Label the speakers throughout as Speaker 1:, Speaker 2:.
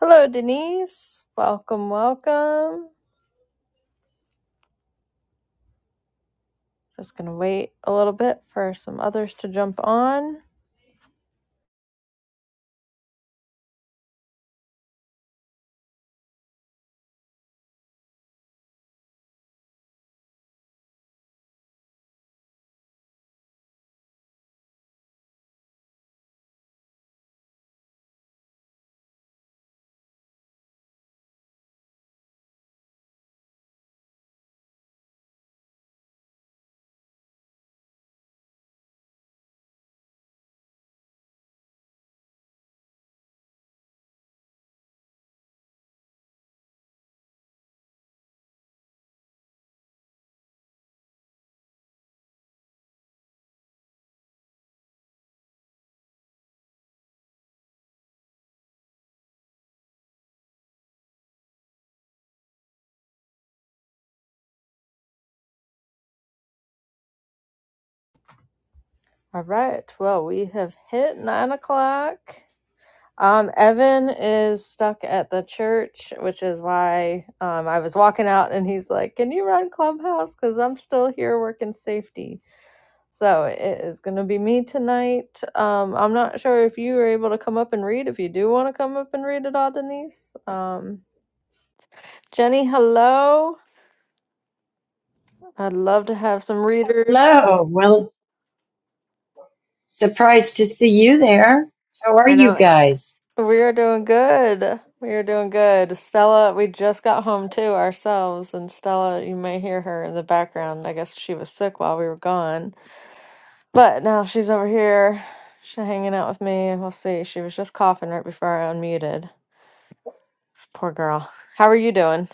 Speaker 1: Hello, Denise. Welcome, welcome. Just going to wait a little bit for some others to jump on. All right. Well, we have hit nine o'clock. Um, Evan is stuck at the church, which is why um, I was walking out and he's like, Can you run Clubhouse? Because I'm still here working safety. So it is going to be me tonight. Um, I'm not sure if you were able to come up and read. If you do want to come up and read it all, Denise. Um, Jenny, hello. I'd love to have some readers.
Speaker 2: Hello. Well, surprised to see you there. How are
Speaker 1: I
Speaker 2: you
Speaker 1: know
Speaker 2: guys?
Speaker 1: we are doing good. We are doing good. Stella, we just got home too ourselves, and Stella, you may hear her in the background. I guess she was sick while we were gone, but now she's over here. She's hanging out with me, and we'll see. She was just coughing right before I unmuted. Poor girl. How are you doing?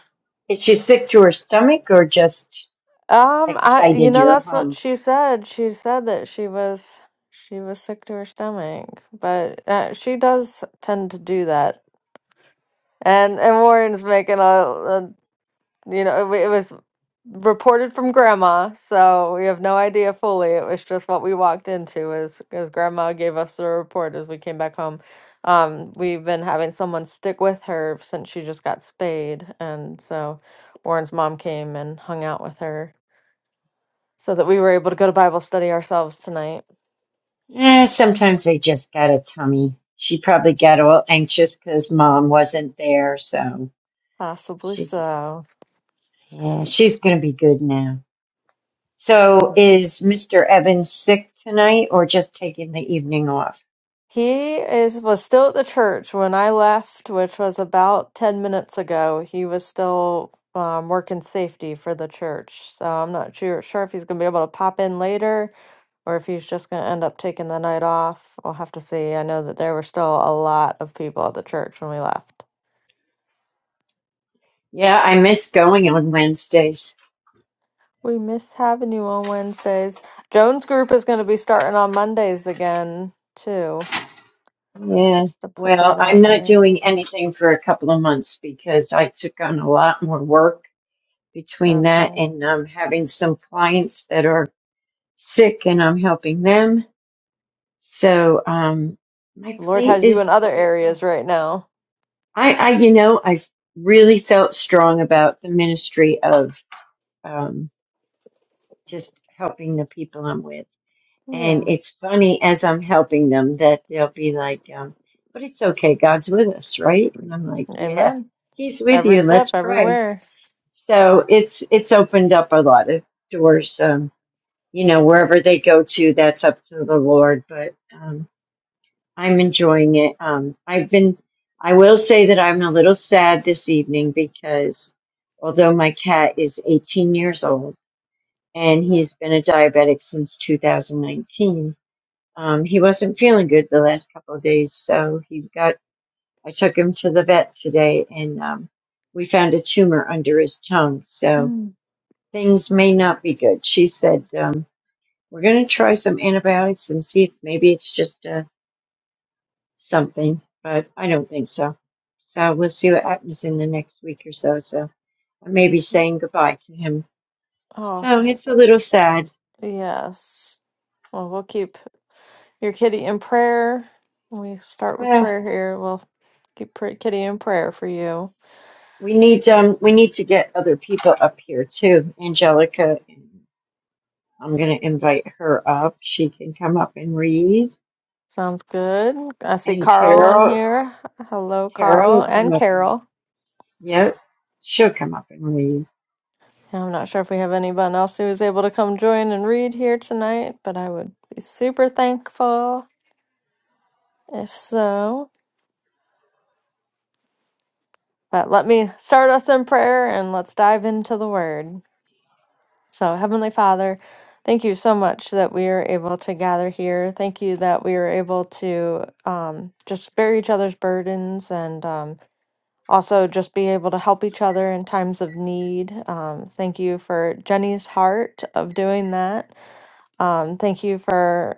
Speaker 2: Is she sick to her stomach or just
Speaker 1: Um, I, you
Speaker 2: excited
Speaker 1: know,
Speaker 2: you're
Speaker 1: that's what
Speaker 2: home?
Speaker 1: she said. She said that she was she was sick to her stomach, but uh, she does tend to do that and and Warren's making a, a you know it, wa- it was reported from grandma so we have no idea fully it was just what we walked into as as grandma gave us the report as we came back home um we've been having someone stick with her since she just got spayed and so warren's mom came and hung out with her so that we were able to go to bible study ourselves tonight
Speaker 2: Eh, sometimes they just got a tummy. She probably got all anxious because mom wasn't there, so
Speaker 1: possibly
Speaker 2: she just,
Speaker 1: so
Speaker 2: yeah, she's gonna be good now. So is Mr. Evans sick tonight or just taking the evening off?
Speaker 1: He is was still at the church when I left, which was about 10 minutes ago. He was still um, working safety for the church. So I'm not sure, sure if he's going to be able to pop in later or if he's just going to end up taking the night off. We'll have to see. I know that there were still a lot of people at the church when we left.
Speaker 2: Yeah, I miss going on Wednesdays.
Speaker 1: We miss having you on Wednesdays. Joan's group is going to be starting on Mondays again, too,
Speaker 2: Yeah.
Speaker 1: just to put
Speaker 2: Well,
Speaker 1: that
Speaker 2: I'm
Speaker 1: out
Speaker 2: not
Speaker 1: there.
Speaker 2: doing anything for a couple of months because I took on a lot more work between that
Speaker 1: Okay.
Speaker 2: and um, having some clients that are sick and I'm helping them. So um, my
Speaker 1: Lord
Speaker 2: plate
Speaker 1: has you in
Speaker 2: is
Speaker 1: other
Speaker 2: quite
Speaker 1: areas
Speaker 2: full.
Speaker 1: right now.
Speaker 2: I, I, you know, I really felt strong about the ministry of um, just helping the people I'm with.
Speaker 1: Yeah.
Speaker 2: And it's funny as I'm helping them that they'll be like, um, but it's okay, God's with us, right? And I'm like, yeah,
Speaker 1: Amen.
Speaker 2: He's with
Speaker 1: Every
Speaker 2: you.
Speaker 1: step,
Speaker 2: Let's pray.
Speaker 1: everywhere.
Speaker 2: So it's it's opened up a lot of doors. Um, you know, wherever they go to, that's up to the Lord. But um, I'm enjoying it. Um, I've been. I will say that I'm a little sad this evening because although my cat is 18 years old and he's been a diabetic since 2019 um, he wasn't feeling good the last couple of days, so he got. I took him to the vet today, and um, we found a tumor under his tongue. So
Speaker 1: Mm.
Speaker 2: things may not be good. She said um, we're going to try some antibiotics and see if maybe it's just uh, something, but I don't think so. So we'll see what happens in the next week or so. So I may be saying goodbye to him.
Speaker 1: Oh,
Speaker 2: So it's a
Speaker 1: th-
Speaker 2: little sad.
Speaker 1: yes. Well, we'll keep your kitty in prayer. We start with
Speaker 2: Well,
Speaker 1: prayer here. We'll keep pr- kitty in prayer for you.
Speaker 2: we need um, we need to get other people up here too, Angelica I'm going to invite her up. She can come up and read.
Speaker 1: Sounds good. I see
Speaker 2: And
Speaker 1: Carl on
Speaker 2: Carol,
Speaker 1: here. Hello,
Speaker 2: Carol will
Speaker 1: Carl and
Speaker 2: come up and,
Speaker 1: Carol.
Speaker 2: yep, she'll come up and read.
Speaker 1: I'm not sure if we have anyone else who is able to come join and read here tonight, but I would be super thankful if so. But let me start us in prayer and let's dive into the word. So, Heavenly Father, thank you so much that we are able to gather here. Thank you that we are able to um, just bear each other's burdens and um, also just be able to help each other in times of need. Um, thank you for Jenny's heart of doing that. Um, thank you for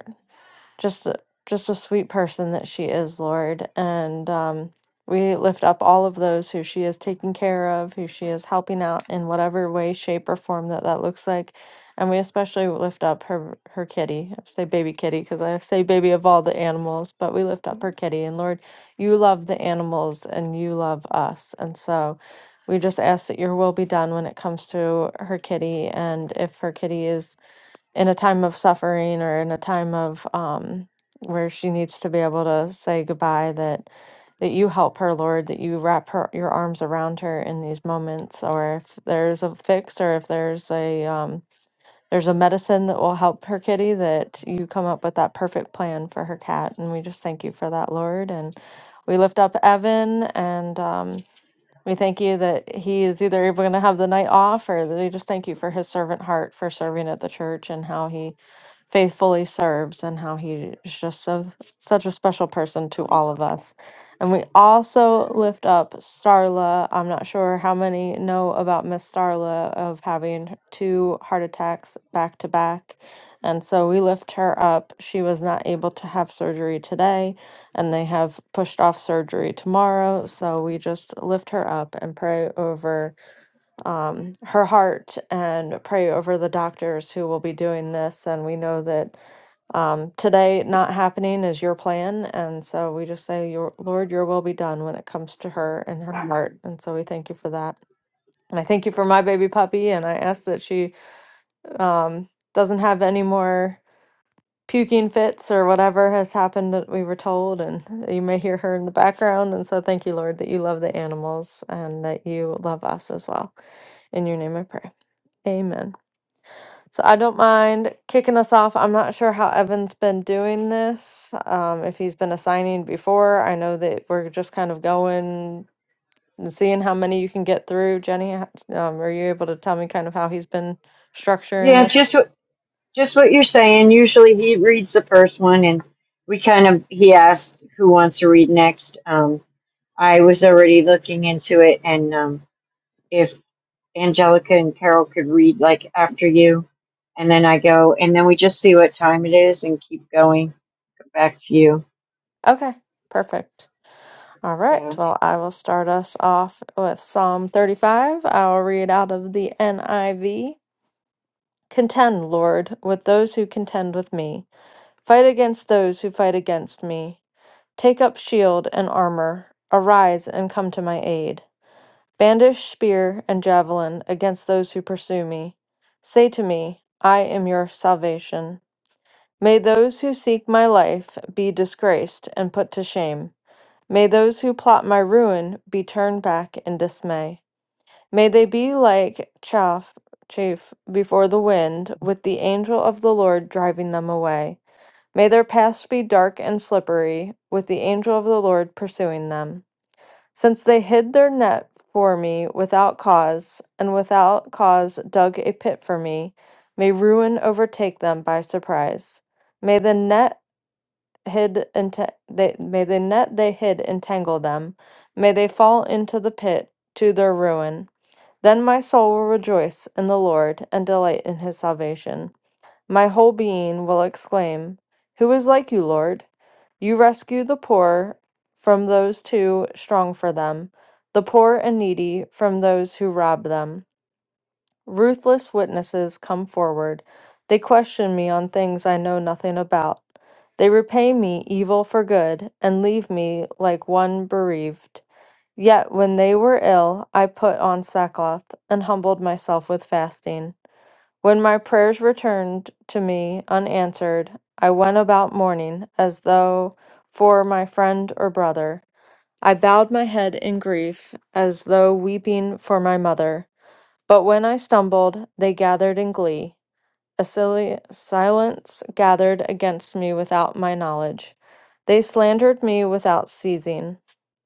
Speaker 1: just a- just a sweet person that she is, Lord. And um, we lift up all of those who she is taking care of, who she is helping out in whatever way, shape, or form that that looks like. And we especially lift up her her kitty. I say baby kitty because I say baby of all the animals, but we lift up her kitty. And Lord, you love the animals and you love us. And so we just ask that your will be done when it comes to her kitty. And if her kitty is in a time of suffering or in a time of um, where she needs to be able to say goodbye that that you help her lord that you wrap her your arms around her in these moments or if there's a fix or if there's a um, there's a medicine that will help her kitty that you come up with that perfect plan for her cat and we just thank you for that lord and we lift up evan and um, we thank you that he is either able to have the night off or that we just thank you for his servant heart for serving at the church and how he faithfully serves and how he is just so, such a special person to all of us. And we also lift up Starla. I'm not sure how many know about Miss Starla of having two heart attacks back to back. And so we lift her up. She was not able to have surgery today and they have pushed off surgery tomorrow. So we just lift her up and pray over um, her heart and pray over the doctors who will be doing this. And we know that um, today not happening is your plan. And so we just say, your, Lord, your will be done when it comes to her and her heart. And so we thank you for that. And I thank you for my baby puppy. And I ask that she um, doesn't have any more puking fits or whatever has happened that we were told and you may hear her in the background and so thank you lord that you love the animals and that you love us as well in your name i pray amen so i don't mind kicking us off i'm not sure how evan's been doing this um, if he's been assigning before i know that we're just kind of going and seeing how many you can get through jenny h- um, are you able to tell me kind of how he's been structuring
Speaker 2: Yeah,
Speaker 1: this
Speaker 2: just what, just what you're saying. Usually he reads the first one and we kind of, he asked who wants to read next. Um, I was already looking into it and, um, if Angelica and Carol could read like after you and then I go and then we just see what time it is and keep going back to you.
Speaker 1: okay perfect All right.
Speaker 2: So.
Speaker 1: Well, I will start us off with Psalm 35. I'll read out of the NIV. Contend, Lord, with those who contend with me. Fight against those who fight against me. Take up shield and armor. Arise and come to my aid. Bandish spear and javelin against those who pursue me. Say to me, I am your salvation. May those who seek my life be disgraced and put to shame. May those who plot my ruin be turned back in dismay. May they be like chaff, chaff before the wind, with the angel of the Lord driving them away. May their paths be dark and slippery, with the angel of the Lord pursuing them. Since they hid their net for me without cause, and without cause dug a pit for me, may ruin overtake them by surprise. May the net hid and they may the net they hid entangle them may they fall into the pit to their ruin then my soul will rejoice in the lord and delight in his salvation my whole being will exclaim who is like you lord you rescue the poor from those too strong for them the poor and needy from those who rob them Ruthless witnesses come forward. They question me on things I know nothing about. They repay me evil for good and leave me like one bereaved. Yet when they were ill, I put on sackcloth and humbled myself with fasting. When my prayers returned to me unanswered, I went about mourning as though for my friend or brother. I bowed my head in grief as though weeping for my mother. But when I stumbled, they gathered in glee. A silly silence gathered against me without my knowledge. They slandered me without ceasing.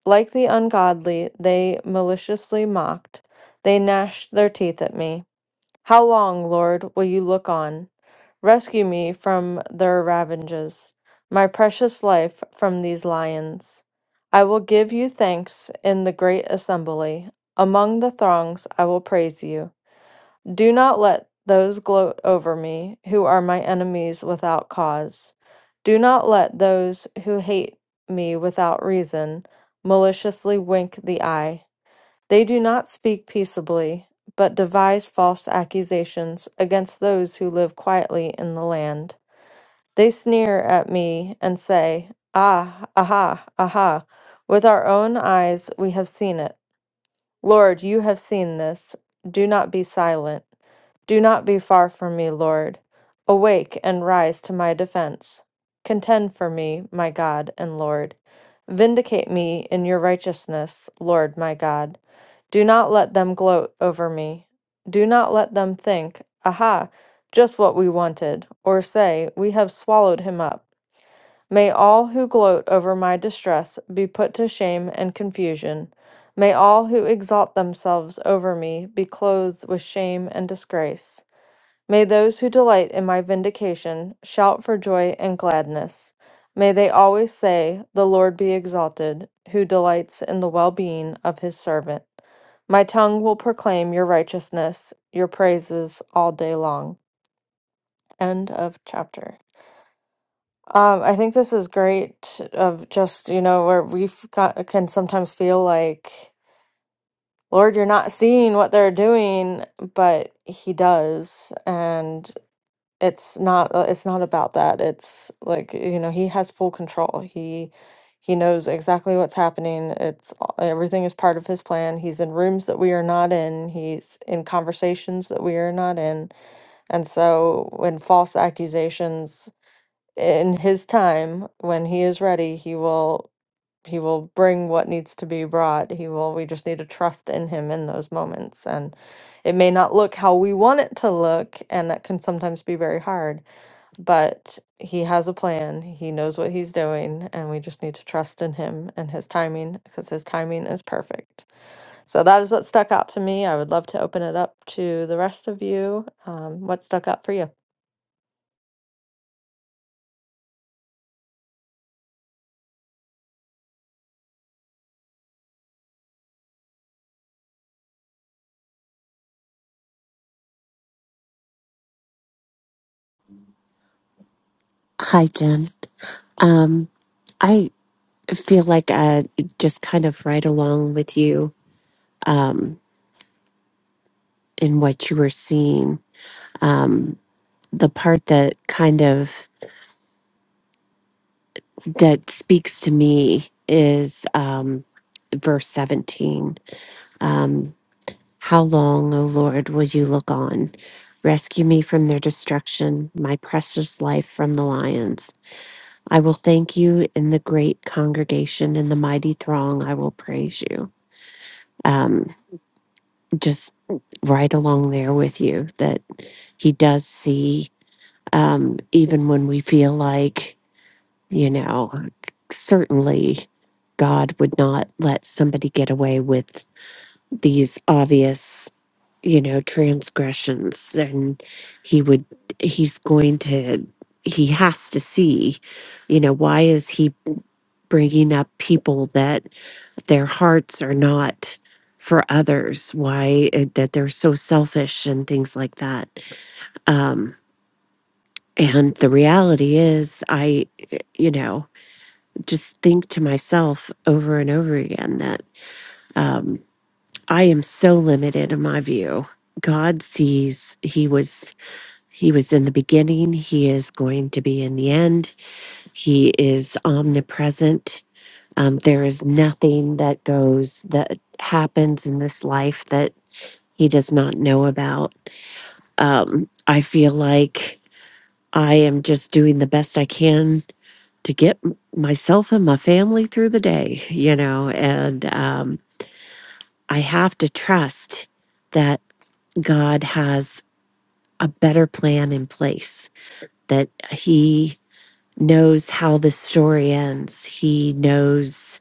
Speaker 1: Like the ungodly, they maliciously mocked. They gnashed their teeth at me. How long, Lord, will you look on? Rescue me from their ravages, my precious life from these lions. I will give you thanks in the great assembly. Among the throngs, I will praise you. Do not let those gloat over me who are my enemies without cause. Do not let those who hate me without reason maliciously wink the eye. They do not speak peaceably, but devise false accusations against those who live quietly in the land. They sneer at me and say, Ah, aha, aha. With our own eyes we have seen it. Lord, you have seen this. Do not be silent. Do not be far from me, Lord. Awake and rise to my defense. Contend for me, my God and Lord. Vindicate me in your righteousness, Lord my God. Do not let them gloat over me. Do not let them think, Aha, just what we wanted, or say, We have swallowed him up. May all who gloat over my distress be put to shame and confusion. May all who exalt themselves over me be clothed with shame and disgrace. May those who delight in my vindication shout for joy and gladness. May they always say, The Lord be exalted, who delights in the well being of his servant. My tongue will proclaim your righteousness, your praises all day long. End of chapter. Um, I think this is great of just, you know, where we got can sometimes feel like, Lord, you're not seeing what they're doing, but he does. and. It's not uh, it's not about that. It's like, you know, he has full control. He he knows exactly what's happening. It's a- everything is part of his plan. He's in rooms that we are not in. He's in conversations that we are not in. And so when false accusations in his time, when he is ready, he will he will bring what needs to be brought. He will we just need to trust in him in those moments and it may not look how we want it to look and that can sometimes be very hard but he has a plan. He knows what he's doing, and we just need to trust in him and his timing because his timing is perfect. So that is what stuck out to me. I would love to open it up to the rest of you. Um, what stuck out for you?
Speaker 3: Hi, Jen. Um, I feel like uh, just kind of right along with you um, in what you were seeing. Um, the part that kind of that speaks to me is um, verse 17. Um, How long, O Lord, will you look on? Rescue me from their destruction, my precious life from the lions. I will thank you in the great congregation, in the mighty throng, I will praise you. Um, just right along there with you that he does see um, even when we feel like you know certainly god would not let somebody get away with these obvious you know transgressions and he would he's going to he has to see you know why is he bringing up people that their hearts are not for others why it, that they're so selfish and things like that um and the reality is i you know just think to myself over and over again that um i am so limited in my view god sees he was he was in the beginning he is going to be in the end he is omnipresent um, there is nothing that goes that happens in this life that he does not know about. Um, I feel like I am just doing the best I can to get m- myself and my family through the day, you know, and um, I have to trust that God has a better plan in place, that He knows how the story ends. He knows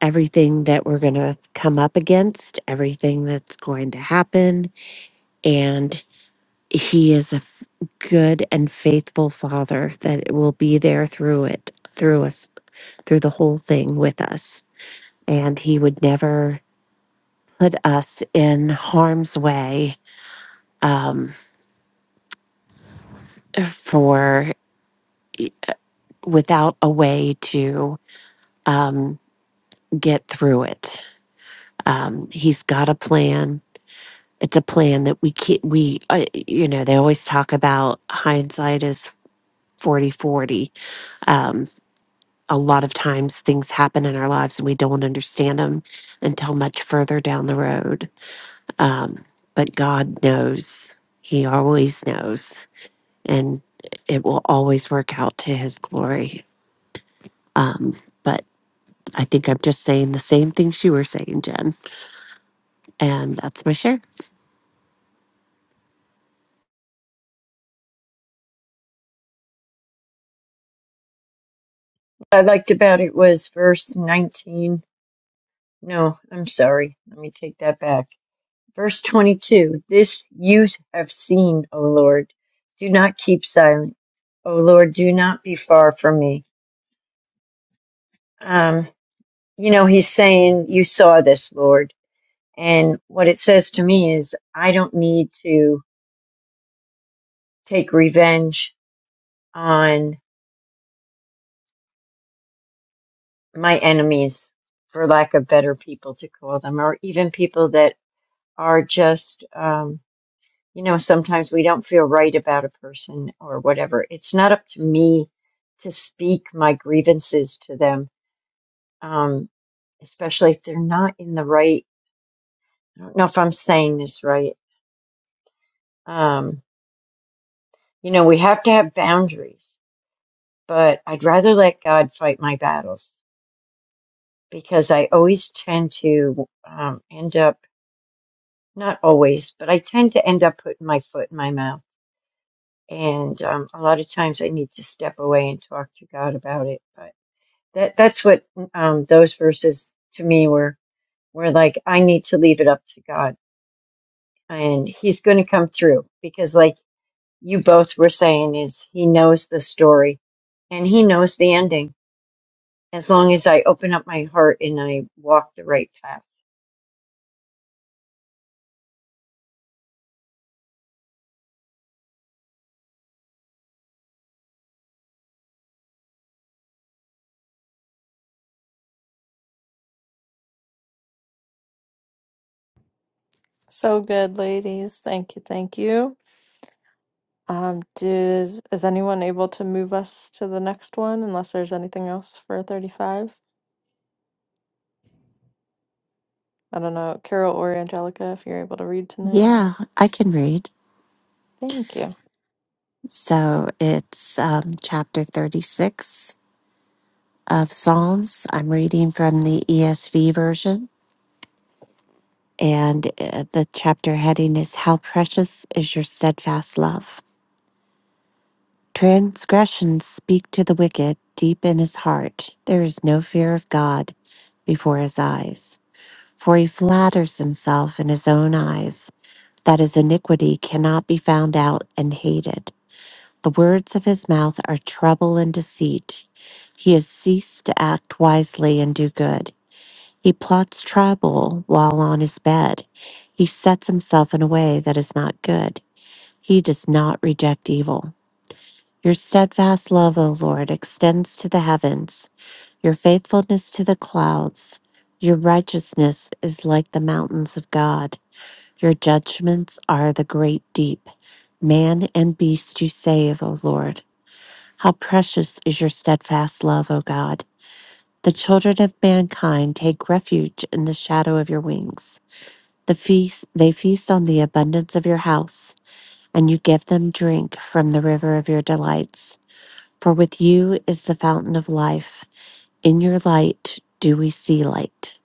Speaker 3: everything that we're going to come up against, everything that's going to happen. And he is a f- good and faithful father that will be there through it through us through the whole thing with us and he would never put us in harm's way um, for without a way to um, get through it um, he's got a plan it's a plan that we can't we uh, you know they always talk about hindsight is forty forty. 40 a lot of times things happen in our lives and we don't understand them until much further down the road. Um, but God knows, He always knows, and it will always work out to His glory. Um, but I think I'm just saying the same things you were saying, Jen. And that's my share.
Speaker 2: I liked about it was verse 19. No, I'm sorry. Let me take that back. Verse 22. This you have seen, O Lord. Do not keep silent. O Lord, do not be far from me. Um, you know, he's saying, You saw this, Lord. And what it says to me is, I don't need to take revenge on my enemies, for lack of better people to call them, or even people that are just. um, you know, sometimes we don't feel right about a person or whatever. It's not up to me to speak my grievances to them, um, especially if they're not in the right. I don't know if I'm saying this right. Um, you know, we have to have boundaries, but I'd rather let God fight my battles because I always tend to um, end up, not always, but I tend to end up putting my foot in my mouth. And um, a lot of times I need to step away and talk to God about it. But That that's what um, those verses to me were were like. I need to leave it up to God, and He's going to come through because, like you both were saying, is He knows the story, and He knows the ending. As long as I open up my heart and I walk the right path.
Speaker 1: So good, ladies. Thank you. Thank you. Um, does is anyone able to move us to the next one? Unless there's anything else for thirty-five. I don't know, Carol or Angelica, if you're able to read tonight.
Speaker 3: Yeah, I can read.
Speaker 1: Thank you.
Speaker 3: So it's um, chapter 36 of Psalms. I'm reading from the ESV version. And uh, the chapter heading is How Precious is Your Steadfast Love. Transgressions speak to the wicked deep in his heart. There is no fear of God before his eyes, for he flatters himself in his own eyes that his iniquity cannot be found out and hated. The words of his mouth are trouble and deceit. He has ceased to act wisely and do good. He plots trouble while on his bed. He sets himself in a way that is not good. He does not reject evil. Your steadfast love, O Lord, extends to the heavens, your faithfulness to the clouds. Your righteousness is like the mountains of God. Your judgments are the great deep. Man and beast you save, O Lord. How precious is your steadfast love, O God. The children of mankind take refuge in the shadow of your wings. The feast they feast on the abundance of your house, and you give them drink from the river of your delights. For with you is the fountain of life. In your light do we see light.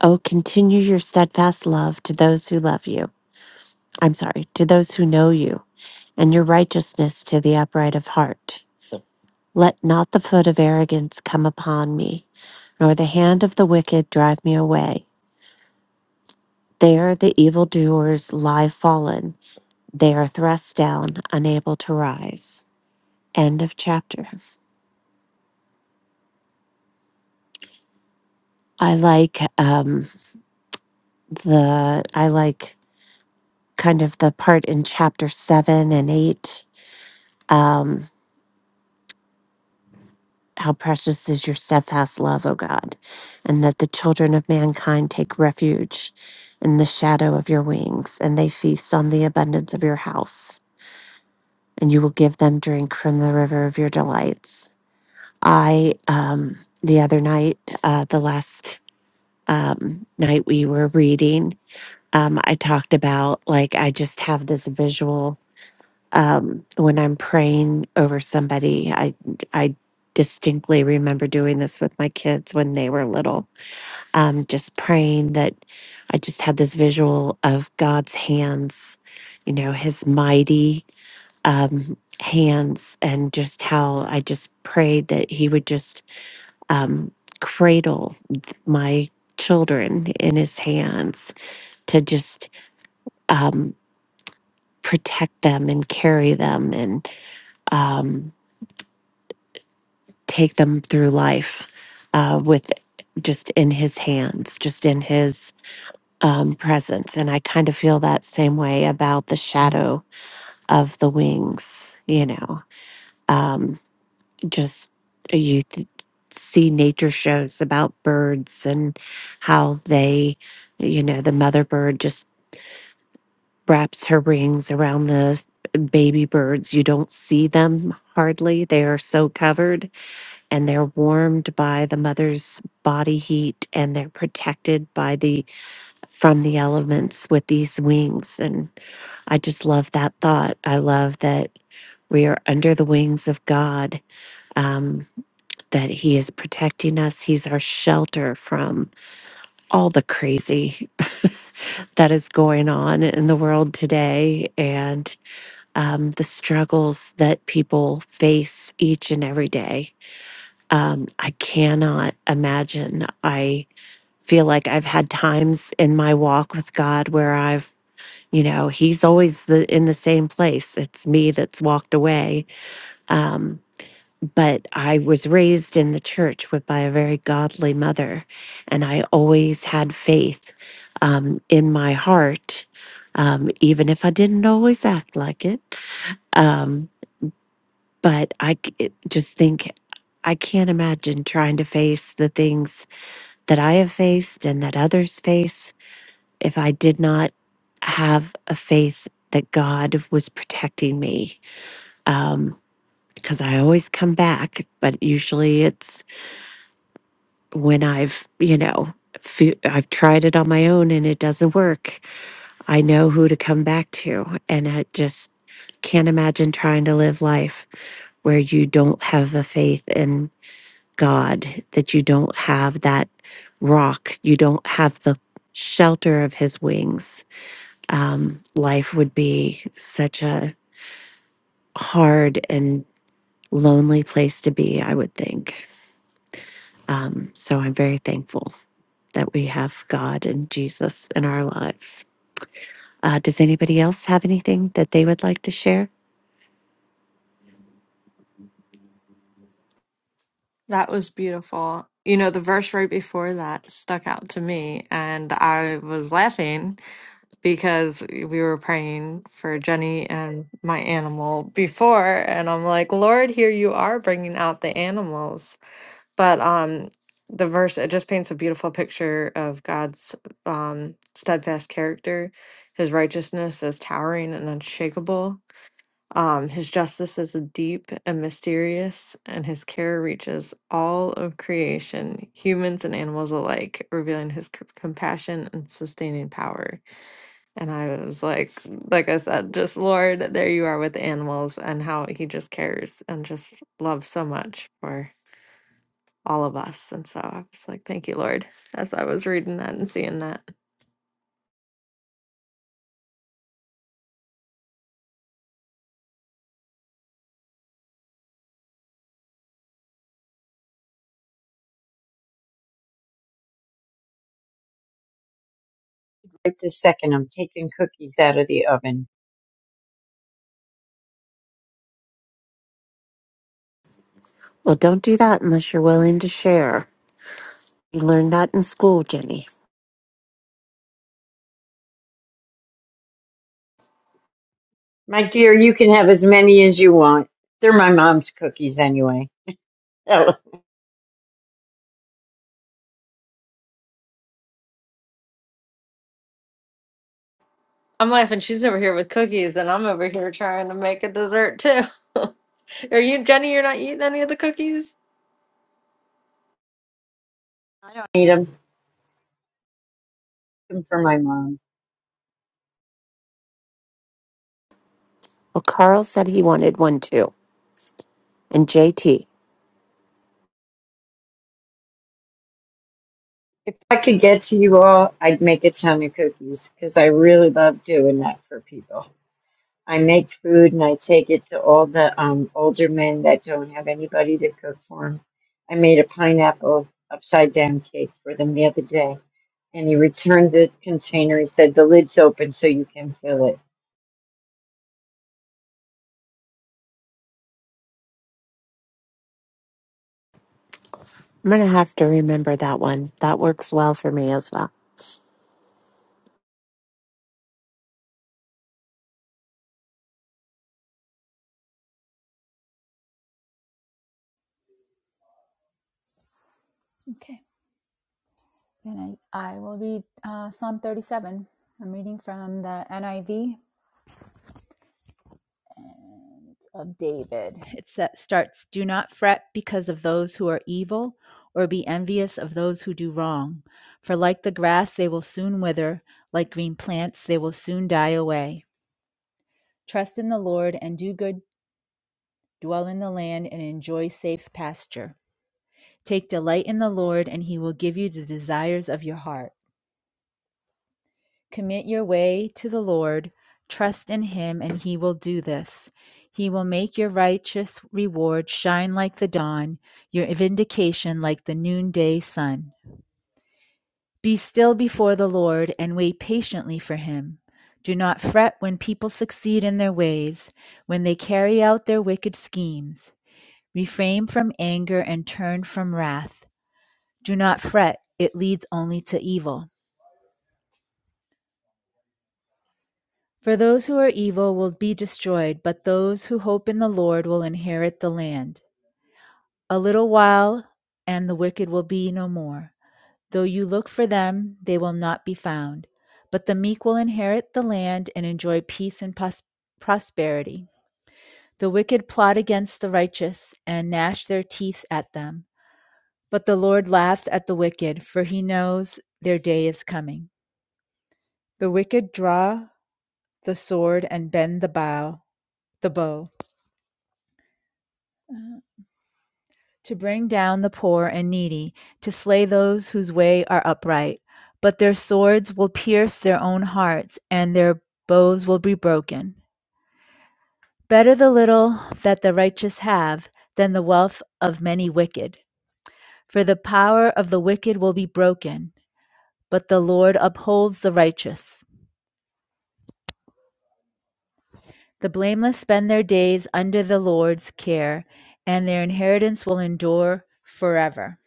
Speaker 3: Oh, continue your steadfast love to those who love you. I'm sorry, to those who know you, and your righteousness to the upright of heart. Let not the foot of arrogance come upon me, nor the hand of the wicked drive me away. There the evildoers lie fallen They are thrust down, unable to rise. End of chapter. I like um, the I like kind of the part in chapter seven and eight. Um, how precious is your steadfast love, O God, and that the children of mankind take refuge in the shadow of your wings, and they feast on the abundance of your house, and you will give them drink from the river of your delights. I um, the other night, uh, the last um, night we were reading, um, I talked about like I just have this visual um, when I'm praying over somebody. I I distinctly remember doing this with my kids when they were little. Um, just praying that I just had this visual of God's hands, you know, His mighty um, hands, and just how I just prayed that He would just um, cradle th- my children in his hands to just um, protect them and carry them and um, take them through life uh, with just in his hands, just in his um, presence. And I kind of feel that same way about the shadow of the wings, you know. Um, just uh, you th- see nature shows about birds and how they, you know, the mother bird just wraps her wings around the baby birds. You don't see them hardly. They are so covered and they're warmed by the mother's body heat and they're protected by the from the elements with these wings and I just love that thought. I love that we are under the wings of God. Um, that He is protecting us. He's our shelter from all the crazy that is going on in the world today and um, the struggles that people face each and every day. Um, I cannot imagine. I feel like I've had times in my walk with God where I've you know he's always the in the same place it's me that's walked away Um, but I was raised in the church with by a very godly mother, and I always had faith um, in my heart, um, even if I didn't always act like it. Um, but I c- it- just think I can't imagine trying to face the things that I have faced and that others face if I did not have a faith that God was protecting me. Um, because I always come back, but usually it's when I've, you know, fe- I've tried it on my own and it doesn't work, I know who to come back to. And I just can't imagine trying to live life where you don't have a faith in God, that you don't have that rock, you don't have the shelter of his wings. Um, life would be such a hard and lonely place to be, I would think. So I'm very thankful. that we have God and Jesus in our lives. Uh, does anybody else have anything that they would like to share?
Speaker 1: That was beautiful. You know, the verse right before that stuck out to me, and I was laughing because we were praying for Jenny and my animal before, and I'm like, Lord, here you are bringing out the animals. But um, the verse it just paints a beautiful picture of God's um steadfast character, His righteousness is towering and unshakable um, his justice is deep and mysterious, and his care reaches all of creation, humans and animals alike, revealing his c- compassion and sustaining power. And I was like, like I said, just Lord, there you are with animals and how he just cares and just loves so much for all of us. And so I was like, thank you, Lord, as I was reading that and seeing that.
Speaker 2: Right this second, I'm taking cookies out of the oven.
Speaker 3: Well, don't do that unless you're willing to share. You learned that in school, Jenny.
Speaker 2: My dear, you can have as many as you want. They're my mom's cookies anyway. I
Speaker 1: I'm laughing. She's over here with cookies, and I'm over here trying to make a dessert too. Are you, Jenny? You're not eating any of the cookies?
Speaker 2: don't need them for my mom.
Speaker 3: Well, Carl said he wanted one too, and JT.
Speaker 2: If I could get to you all, I'd make a ton of cookies because I really love doing that for people. I make food and I take it to all the um, older men that don't have anybody to cook for them. I made a pineapple upside down cake for them the other day, and he returned the container. He said, The lid's open so you can fill it.
Speaker 3: I'm going to have to remember that one. That works well for me as well.
Speaker 4: Okay, and I, I will read uh, Psalm 37. I'm reading from the NIV and it's of David. It sa- starts Do not fret because of those who are evil, or be envious of those who do wrong. For like the grass, they will soon wither, like green plants, they will soon die away. Trust in the Lord and do good, dwell in the land and enjoy safe pasture. Take delight in the Lord, and he will give you the desires of your heart. Commit your way to the Lord, trust in him, and he will do this. He will make your righteous reward shine like the dawn, your vindication like the noonday sun. Be still before the Lord and wait patiently for him. Do not fret when people succeed in their ways, when they carry out their wicked schemes. Refrain from anger and turn from wrath. Do not fret, it leads only to evil. For those who are evil will be destroyed, but those who hope in the Lord will inherit the land. A little while, and the wicked will be no more. Though you look for them, they will not be found. But the meek will inherit the land and enjoy peace and pros- prosperity. The wicked plot against the righteous and gnash their teeth at them. But the Lord laughs at the wicked, for he knows their day is coming. The wicked draw the sword and bend the bow, the bow to bring down the poor and needy, to slay those whose way are upright. But their swords will pierce their own hearts, and their bows will be broken. Better the little that the righteous have than the wealth of many wicked. For the power of the wicked will be broken, but the Lord upholds the righteous. The blameless spend their days under the Lord's care, and their inheritance will endure forever.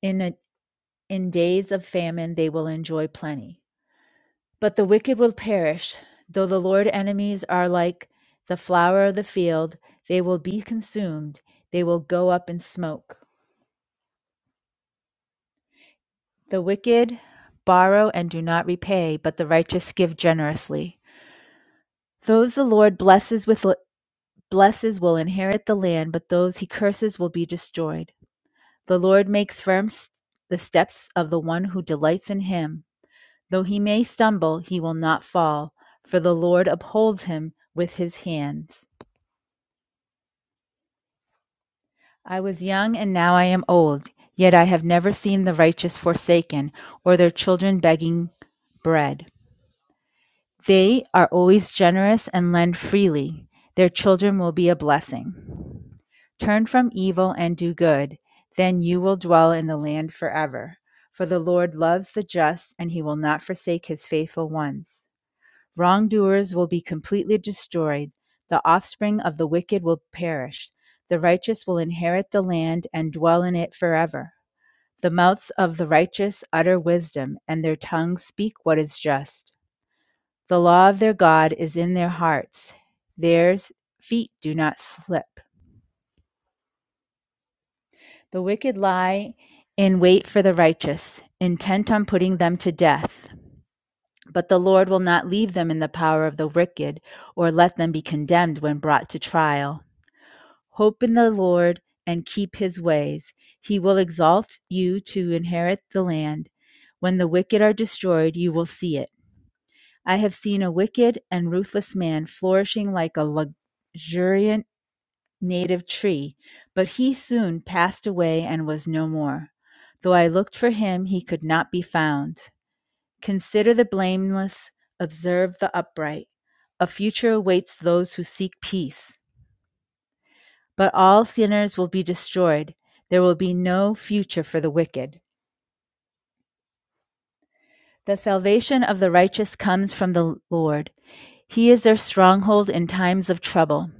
Speaker 4: In, a, in days of famine, they will enjoy plenty. But the wicked will perish. Though the Lord's enemies are like the flower of the field, they will be consumed, they will go up in smoke. The wicked borrow and do not repay, but the righteous give generously. Those the Lord blesses with blesses will inherit the land, but those he curses will be destroyed. The Lord makes firm the steps of the one who delights in him. Though he may stumble, he will not fall, for the Lord upholds him with his hands. I was young and now I am old, yet I have never seen the righteous forsaken, or their children begging bread. They are always generous and lend freely. Their children will be a blessing. Turn from evil and do good, then you will dwell in the land forever. For the Lord loves the just, and he will not forsake his faithful ones. Wrongdoers will be completely destroyed, the offspring of the wicked will perish. The righteous will inherit the land and dwell in it forever. The mouths of the righteous utter wisdom, and their tongues speak what is just. The law of their God is in their hearts, their feet do not slip. The wicked lie in wait for the righteous, intent on putting them to death. But the Lord will not leave them in the power of the wicked, or let them be condemned when brought to trial. Hope in the Lord and keep his ways. He will exalt you to inherit the land. When the wicked are destroyed, you will see it. I have seen a wicked and ruthless man flourishing like a luxuriant native tree, but he soon passed away and was no more. Though I looked for him, he could not be found. Consider the blameless, observe the upright. A future awaits those who seek peace. But all sinners will be destroyed. There will be no future for the wicked. The salvation of the righteous comes from the Lord. He is their stronghold in times of trouble.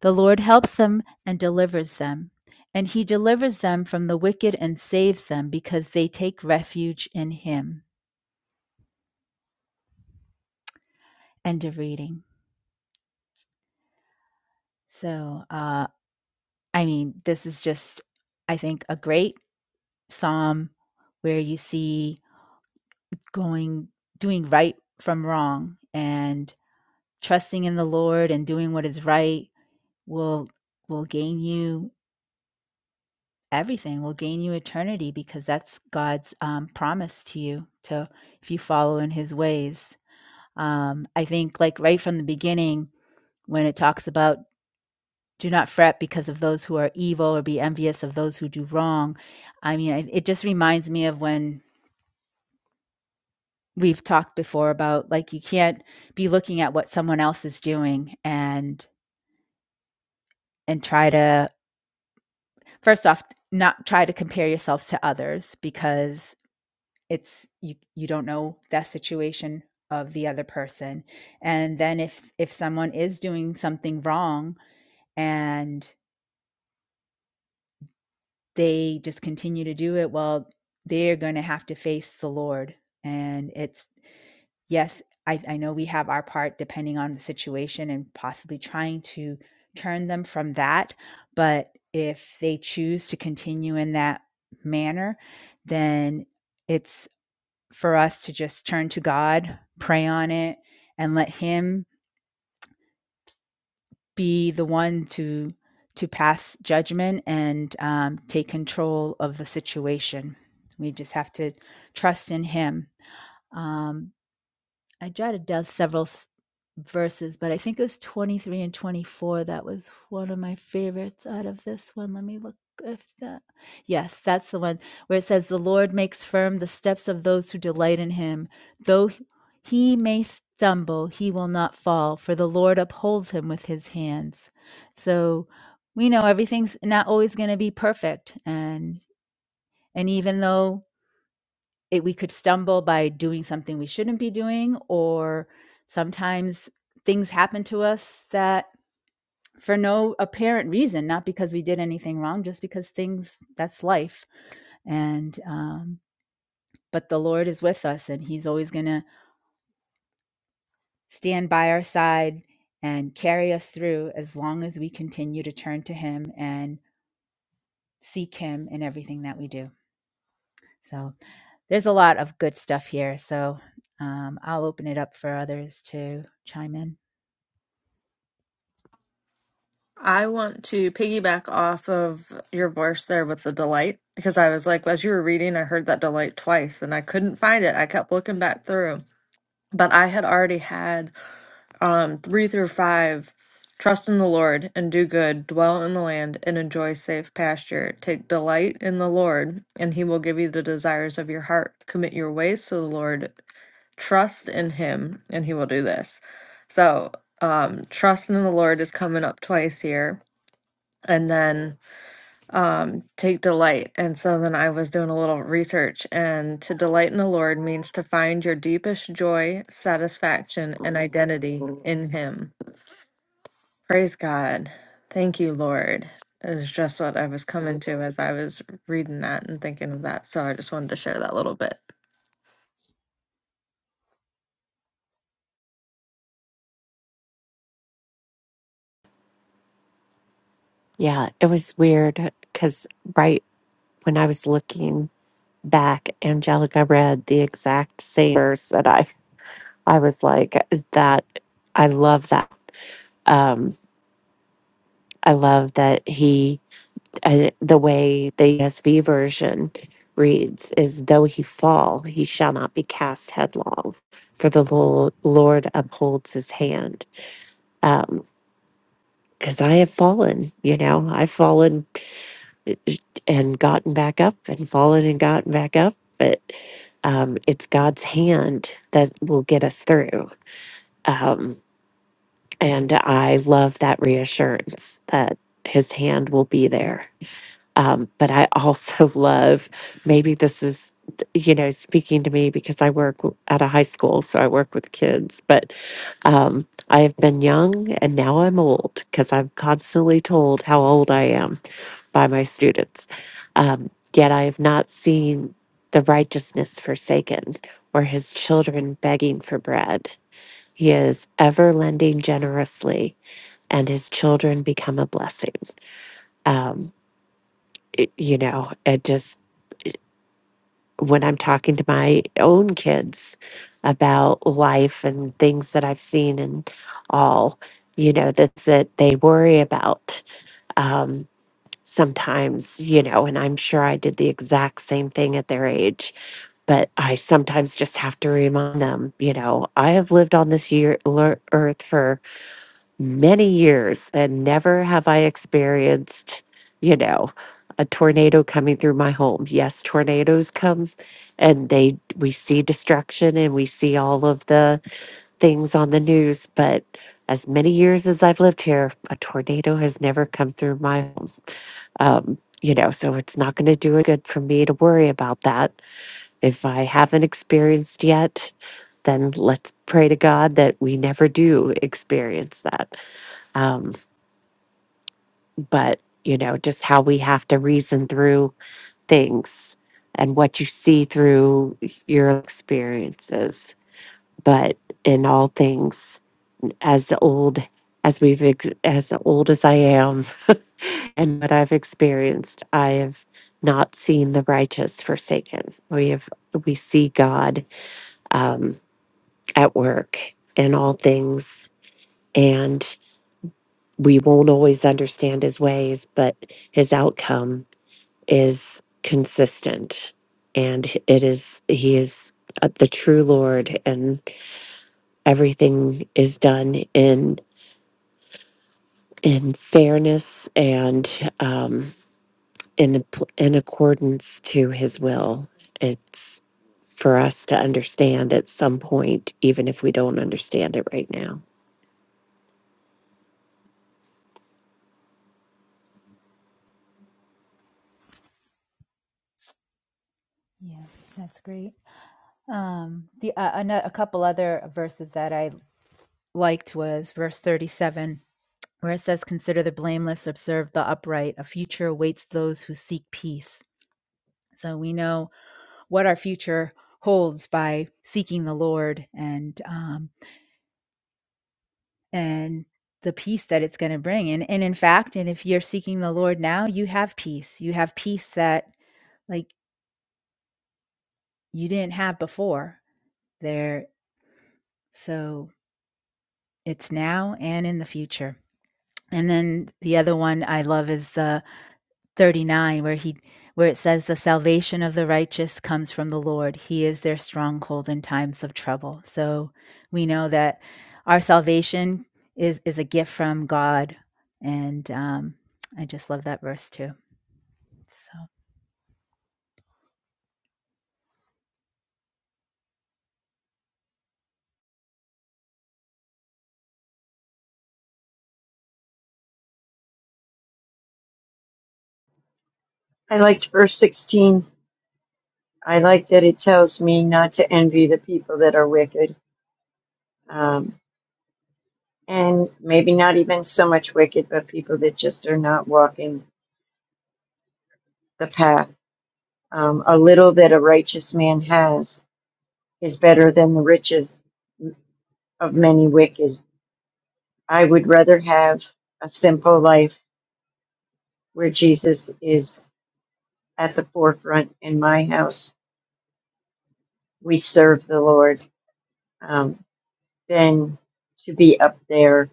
Speaker 4: The Lord helps them and delivers them, and he delivers them from the wicked and saves them because they take refuge in him. End of reading. So, uh, I mean, this is just, I think, a great psalm where you see going doing right from wrong and trusting in the Lord and doing what is right will will gain you everything will gain you eternity because that's God's um, promise to you to if you follow in his ways um, I think like right from the beginning when it talks about do not fret because of those who are evil or be envious of those who do wrong I mean it just reminds me of when We've talked before about, like, you can't be looking at what someone else is doing and and try to first off, not try to compare yourself to others because it's you you don't know that situation of the other person. And then if if someone is doing something wrong and they just continue to do it, well, they're going to have to face the Lord. And it's yes, I, I know we have our part depending on the situation and possibly trying to turn them from that. But if they choose to continue in that manner, then it's for us to just turn to God, pray on it, and let Him be the one to to pass judgment and um, take control of the situation. We just have to trust in Him. Um, I jotted down several s- verses, but I think it was 23 and 24. That was one of my favorites out of this one. Let me look if that. Yes, that's the one where it says, The Lord makes firm the steps of those who delight in him. Though he he may stumble, he will not fall, for the Lord upholds him with his hands. So we know everything's not always going to be perfect. And and even though it we could stumble by doing something we shouldn't be doing or sometimes things happen to us that for no apparent reason not because we did anything wrong just because things that's life and um but the lord is with us and he's always going to stand by our side and carry us through as long as we continue to turn to him and seek him in everything that we do so there's a lot of good stuff here so um, i'll open it up for others to chime in
Speaker 1: I want to piggyback off of your voice there with the delight because I was like, as you were reading, I heard that delight twice and I couldn't find it. I kept looking back through, but I had already had um, three through five trust in the Lord and do good, dwell in the land and enjoy safe pasture. Take delight in the Lord, and he will give you the desires of your heart. Commit your ways to the Lord, trust in him, and he will do this. So, um, trust in the Lord is coming up twice here and then um, take delight. And so then I was doing a little research, and to delight in the Lord means to find your deepest joy, satisfaction, and identity in Him. Praise God. Thank you, Lord. Is just what I was coming to as I was reading that and thinking of that. So I just wanted to share that little bit.
Speaker 3: Yeah, it was weird because right when I was looking back, Angelica read the exact same verse that I, I was like, that, I love that. Um. I love that he, uh, the way the ESV version reads is, though he fall, he shall not be cast headlong, for the Lord, Lord upholds his hand. Because I have fallen, you know, I've fallen and gotten back up and fallen and gotten back up, but um, it's God's hand that will get us through. Um, and I love that reassurance that his hand will be there Um, but I also love, maybe this is, you know, speaking to me because I work w- at a high school, so I work with kids, but um, I have been young and now I'm old because I'm constantly told how old I am by my students. Um, yet I have not seen the righteousness forsaken or his children begging for bread. He is ever lending generously, and his children become a blessing. Um, you know, it just when I'm talking to my own kids about life and things that I've seen and all, you know, that that they worry about um, sometimes, you know, and I'm sure I did the exact same thing at their age, but I sometimes just have to remind them, you know, I have lived on this year lear- earth for many years and never have I experienced, you know, a tornado coming through my home. Yes, tornadoes come and they we see destruction and we see all of the things on the news, but as many years as I've lived here, a tornado has never come through my home. Um, you know, so it's not going to do it good for me to worry about that. If I haven't experienced yet, then let's pray to God that we never do experience that. Um, but you know just how we have to reason through things and what you see through your experiences but in all things as old as we've ex- as old as i am and what i've experienced i have not seen the righteous forsaken we have we see god um, at work in all things and we won't always understand his ways but his outcome is consistent and it is he is uh, the true lord and everything is done in in fairness and um in in accordance to his will it's for us to understand at some point even if we don't understand it right now
Speaker 4: Yeah, that's great. Um, the uh, ano- a couple other verses that I liked was verse 37, where it says, "Consider the blameless, observe the upright. A future awaits those who seek peace." So we know what our future holds by seeking the Lord and um, and the peace that it's going to bring. And and in fact, and if you're seeking the Lord now, you have peace. You have peace that like you didn't have before. There, so it's now and in the future. And then the other one I love is the 39 where he where it says the salvation of the righteous comes from the Lord. He is their stronghold in times of trouble. So we know that our salvation is is a gift from God and um I just love that verse too. So
Speaker 2: I liked verse 16. I like that it tells me not to envy the people that are wicked. Um, and maybe not even so much wicked, but people that just are not walking the path. Um, a little that a righteous man has is better than the riches of many wicked. I would rather have a simple life where Jesus is at the forefront in my house. We serve the Lord um, than to be up there.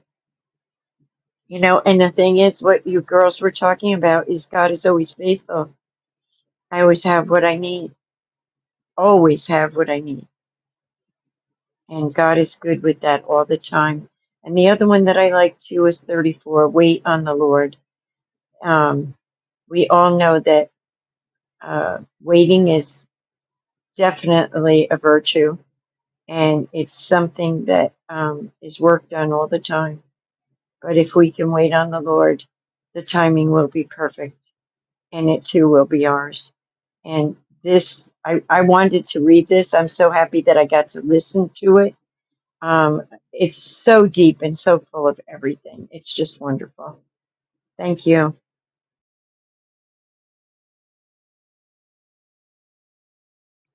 Speaker 2: You know, and the thing is, what you girls were talking about is God is always faithful. I always have what I need, always have what I need and God is good with that all the time. And the other one that I like too is 34 Wait on the Lord. Um, we all know that uh, waiting is definitely a virtue, and it's something that um, is worked on all the time. But if we can wait on the Lord, the timing will be perfect, and it too will be ours. And this, I, I wanted to read this. I'm so happy that I got to listen to it Um, it's so deep and so full of everything. It's just wonderful. Thank you.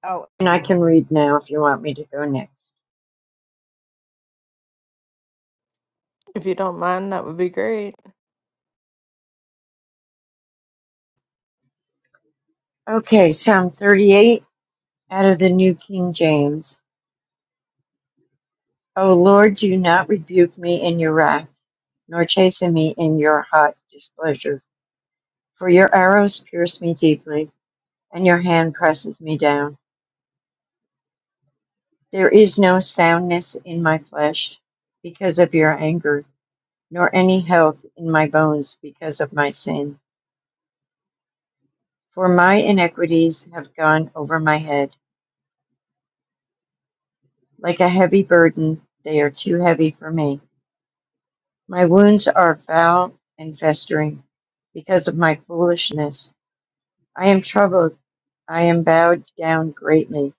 Speaker 2: Oh, And I can read now if you want me to go next.
Speaker 1: If you don't mind, that would be great.
Speaker 2: Okay, Psalm 38 out of the New King James. O Lord, do not rebuke me in your wrath, nor chasten me in your hot displeasure. For your arrows pierce me deeply, and your hand presses me down. There is no soundness in my flesh because of your anger, nor any health in my bones because of my sin. For my iniquities have gone over my head. Like a heavy burden, they are too heavy for me. My wounds are foul and festering because of my foolishness. I am troubled. I am bowed down greatly.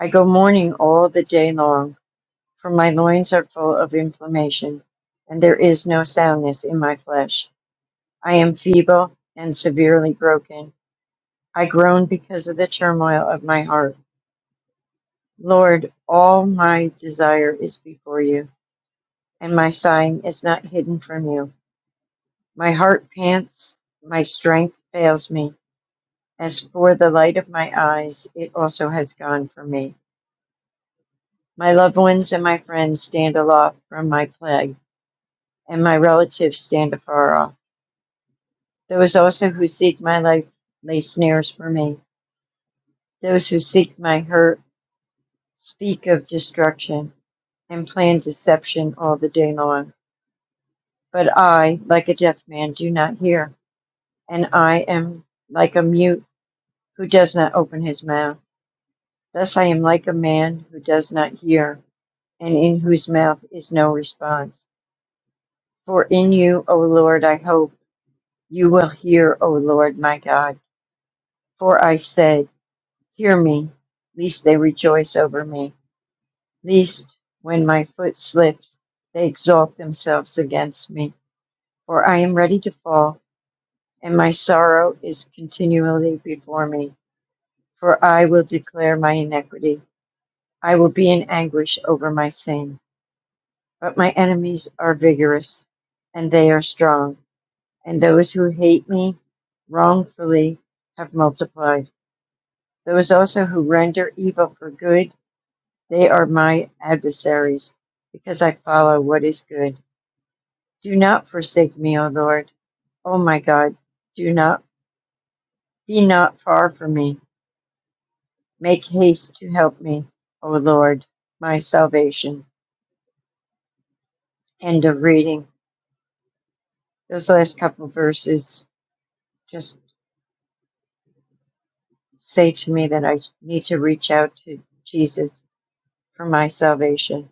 Speaker 2: I go mourning all the day long, for my loins are full of inflammation, and there is no soundness in my flesh. I am feeble and severely broken. I groan because of the turmoil of my heart. Lord, all my desire is before you, and my sighing is not hidden from you. My heart pants, my strength fails me. As for the light of my eyes, it also has gone from me. My loved ones and my friends stand aloft from my plague, and my relatives stand afar off. Those also who seek my life lay snares for me. Those who seek my hurt speak of destruction and plan deception all the day long. But I, like a deaf man, do not hear, and I am like a mute who does not open his mouth. Thus I am like a man who does not hear, and in whose mouth is no response. For in you, O Lord, I hope, you will hear, O Lord my God. For I said, Hear me, lest they rejoice over me, lest when my foot slips, they exalt themselves against me. For I am ready to fall, and my sorrow is continually before me. for I will declare my iniquity. I will be in anguish over my sin. But my enemies are vigorous, and they are strong, and those who hate me wrongfully have multiplied. Those also who render evil for good, they are my adversaries, because I follow what is good. Do not forsake me, O Lord. O my God, do not be not far from me. Make haste to help me, O Lord, my salvation. End of reading. Those last couple verses just say to me that I need to reach out to Jesus for my salvation.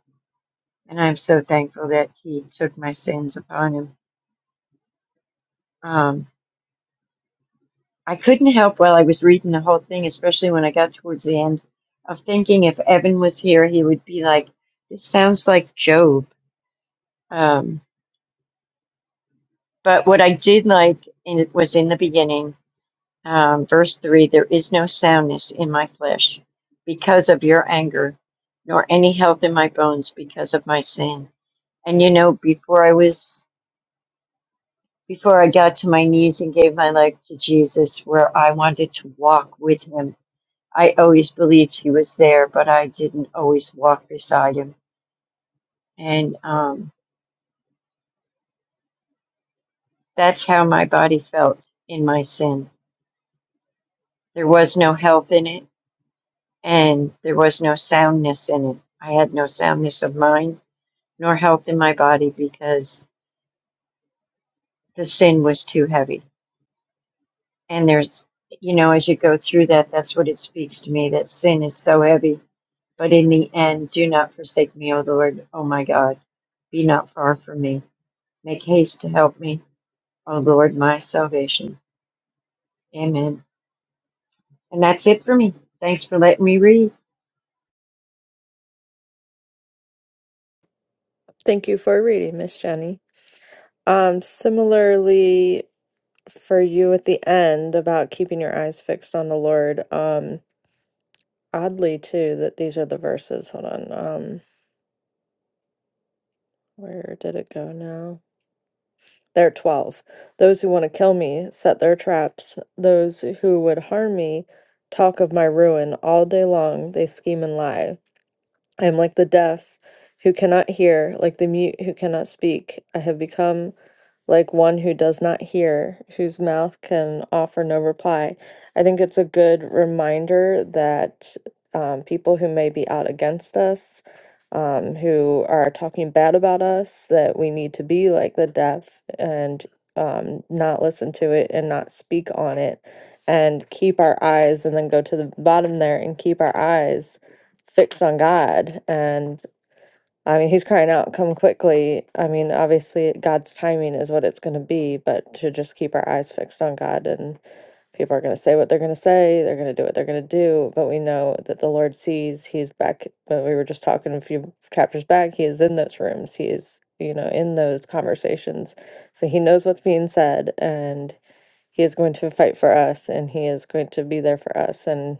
Speaker 2: And I'm so thankful that he took my sins upon him. Um, I couldn't help while I was reading the whole thing, especially when I got towards the end, of thinking if Evan was here, he would be like, this sounds like Job. Um, but what I did like in, was in the beginning Um, verse 3 There is no soundness in my flesh because of your anger, nor any health in my bones because of my sin. And you know, before I was, before I got to my knees and gave my life to Jesus, where I wanted to walk with him, I always believed he was there, but I didn't always walk beside him. And um, that's how my body felt in my sin. There was no health in it, and there was no soundness in it. I had no soundness of mind nor health in my body because the sin was too heavy. And there's, you know, as you go through that, that's what it speaks to me that sin is so heavy. But in the end, do not forsake me, O Lord, O my God. Be not far from me. Make haste to help me, O Lord, my salvation. Amen. And that's it for me. Thanks for letting me read.
Speaker 1: Thank you for reading, Miss Jenny. Um, similarly, for you at the end about keeping your eyes fixed on the Lord, um, oddly too that these are the verses. Hold on. Um where did it go now? There are 12. Those who want to kill me set their traps. Those who would harm me talk of my ruin all day long. They scheme and lie. I am like the deaf who cannot hear, like the mute who cannot speak. I have become like one who does not hear, whose mouth can offer no reply. I think it's a good reminder that um, people who may be out against us, um, who are talking bad about us, that we need to be like the deaf and um, not listen to it and not speak on it and keep our eyes and then go to the bottom there and keep our eyes fixed on God. And I mean, he's crying out, come quickly. I mean, obviously, God's timing is what it's going to be, but to just keep our eyes fixed on God and people are going to say what they're going to say, they're going to do what they're going to do. But we know that the Lord sees, He's back. But we were just talking a few chapters back, He is in those rooms, He is, you know, in those conversations. So He knows what's being said and He is going to fight for us and He is going to be there for us. And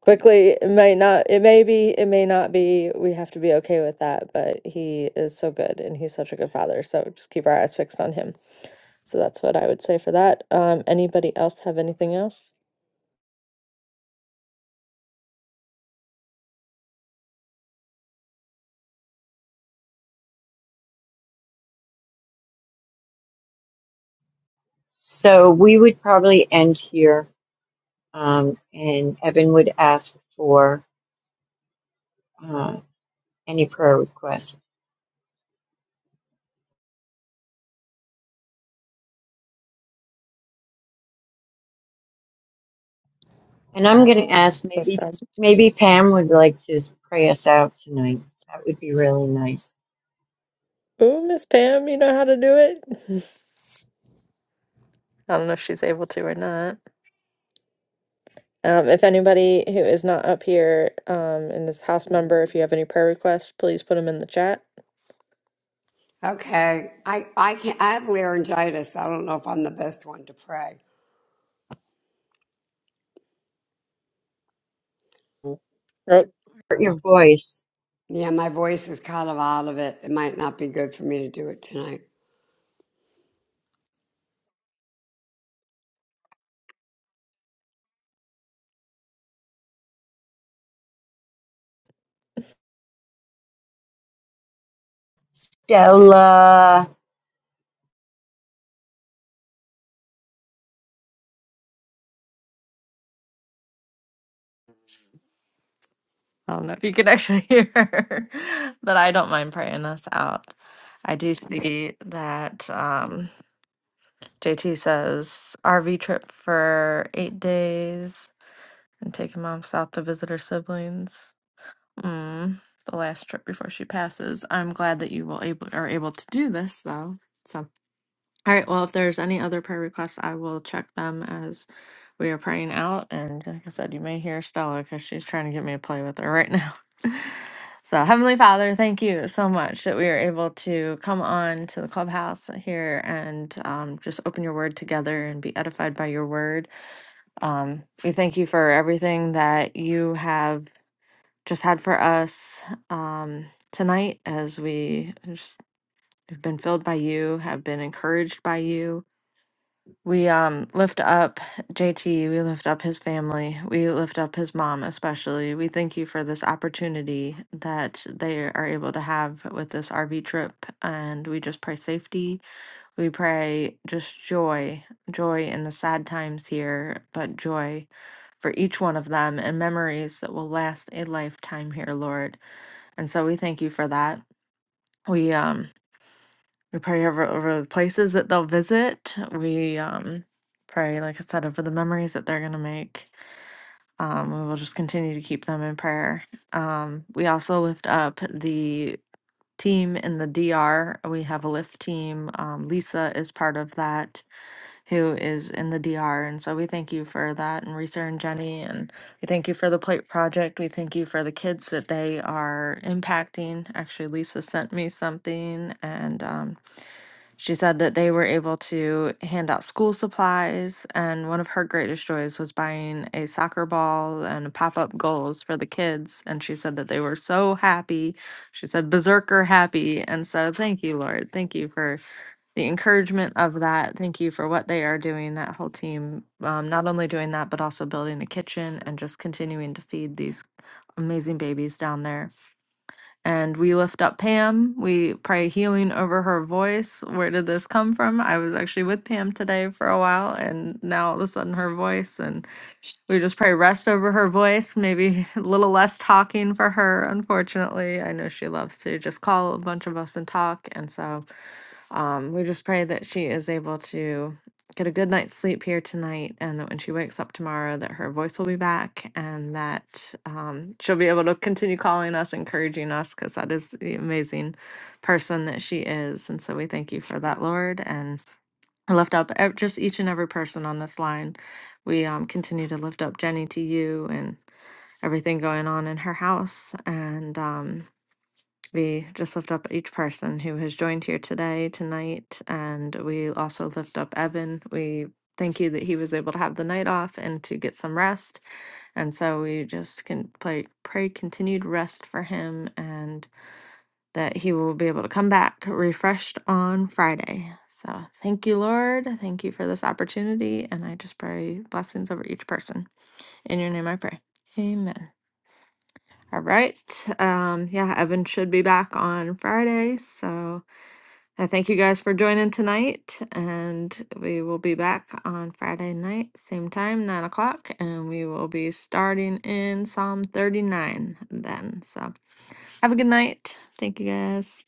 Speaker 1: quickly it may not it may be it may not be we have to be okay with that but he is so good and he's such a good father so just keep our eyes fixed on him so that's what i would say for that um anybody else have anything else
Speaker 2: So we would probably end here, um, and Evan would ask for uh, any prayer requests. And I'm going to ask
Speaker 1: let's
Speaker 2: maybe
Speaker 1: um
Speaker 2: maybe Pam would like to pray us out tonight. That would be really nice.
Speaker 1: ooh miss pam you know how to do it i don't know if she's able to or not um if anybody who is not up here um and is house member if you have any prayer requests please put them in the chat
Speaker 5: Okay. I I can I have laryngitis. I don't know if I'm the best one to pray.
Speaker 1: Oh,
Speaker 2: Your voice,
Speaker 5: Yeah, my voice is kind of out of it. It might not be good for me to do it tonight.
Speaker 2: Stella.
Speaker 1: I don't know if you can actually hear her, but I don't mind praying us out. I do see that um, JT says RV trip for eight days and taking mom south to visit her siblings. Mm, the last trip before she passes. I'm glad that you will able are able to do this though. All right. Well, if there's any other prayer requests, I will check them as we are praying out. And like I said, you may hear Stella because she's trying to get me to play with her right now. so, Heavenly Father, thank you so much that we are able to come on to the clubhouse here and um, just open your word together and be edified by your word. Um, we thank you for everything that you have just had for us um, tonight as we just have been filled by you, have been encouraged by you we um lift up JT, we lift up his family, we lift up his mom especially. We thank you for this opportunity that they are able to have with this RV trip and we just pray safety. We pray just joy, joy in the sad times here, but joy for each one of them and memories that will last a lifetime here, Lord. And so we thank you for that. We um we pray over over the places that they'll visit. We um, pray, like I said, over the memories that they're going to make. Um, we will just continue to keep them in prayer. Um, we also lift up the team in the DR. We have a lift team. Um, Lisa is part of that, who is in the DR. And so we thank you for that, and Risa and Jenny. And we thank you for the plate project. We thank you for the kids that they are impacting. Actually, Lisa sent me something, and um, she said that they were able to hand out school supplies, and one of her greatest joys was buying a soccer ball and pop up goals for the kids. And she said that they were so happy. She said, berserker happy. And so, thank you, Lord. Thank you for the encouragement of that. Thank you for what they are doing, that whole team, um, not only doing that, but also building a kitchen and just continuing to feed these amazing babies down there and we lift up Pam. We pray healing over her voice. Where did this come from? I was actually with Pam today for a while, and now all of a sudden her voice, and we just pray rest over her voice, maybe a little less talking for her, unfortunately. I know she loves to just call a bunch of us and talk, and so. Um, we just pray that she is able to get a good night's sleep here tonight, and that when she wakes up tomorrow, that her voice will be back, and that um, she'll be able to continue calling us, encouraging us, because that is the amazing person that she is. And so we thank you for that, Lord, and I lift up ev- just each and every person on this line. We um, continue to lift up Jenny to you and everything going on in her house, and. Um, we just lift up each person who has joined here today, tonight, and we also lift up Evan. We thank you that he was able to have the night off and to get some rest. And so we just can play, pray continued rest for him and that he will be able to come back refreshed on Friday. So thank you, Lord. Thank you for this opportunity. And I just pray blessings over each person. In your name I pray. Amen. All right. Um, yeah, Evan should be back on Friday. So I thank you guys for joining tonight, and we will be back on Friday night, same time, nine o'clock, and we will be starting in Psalm 39 then. So have a good night. Thank you guys.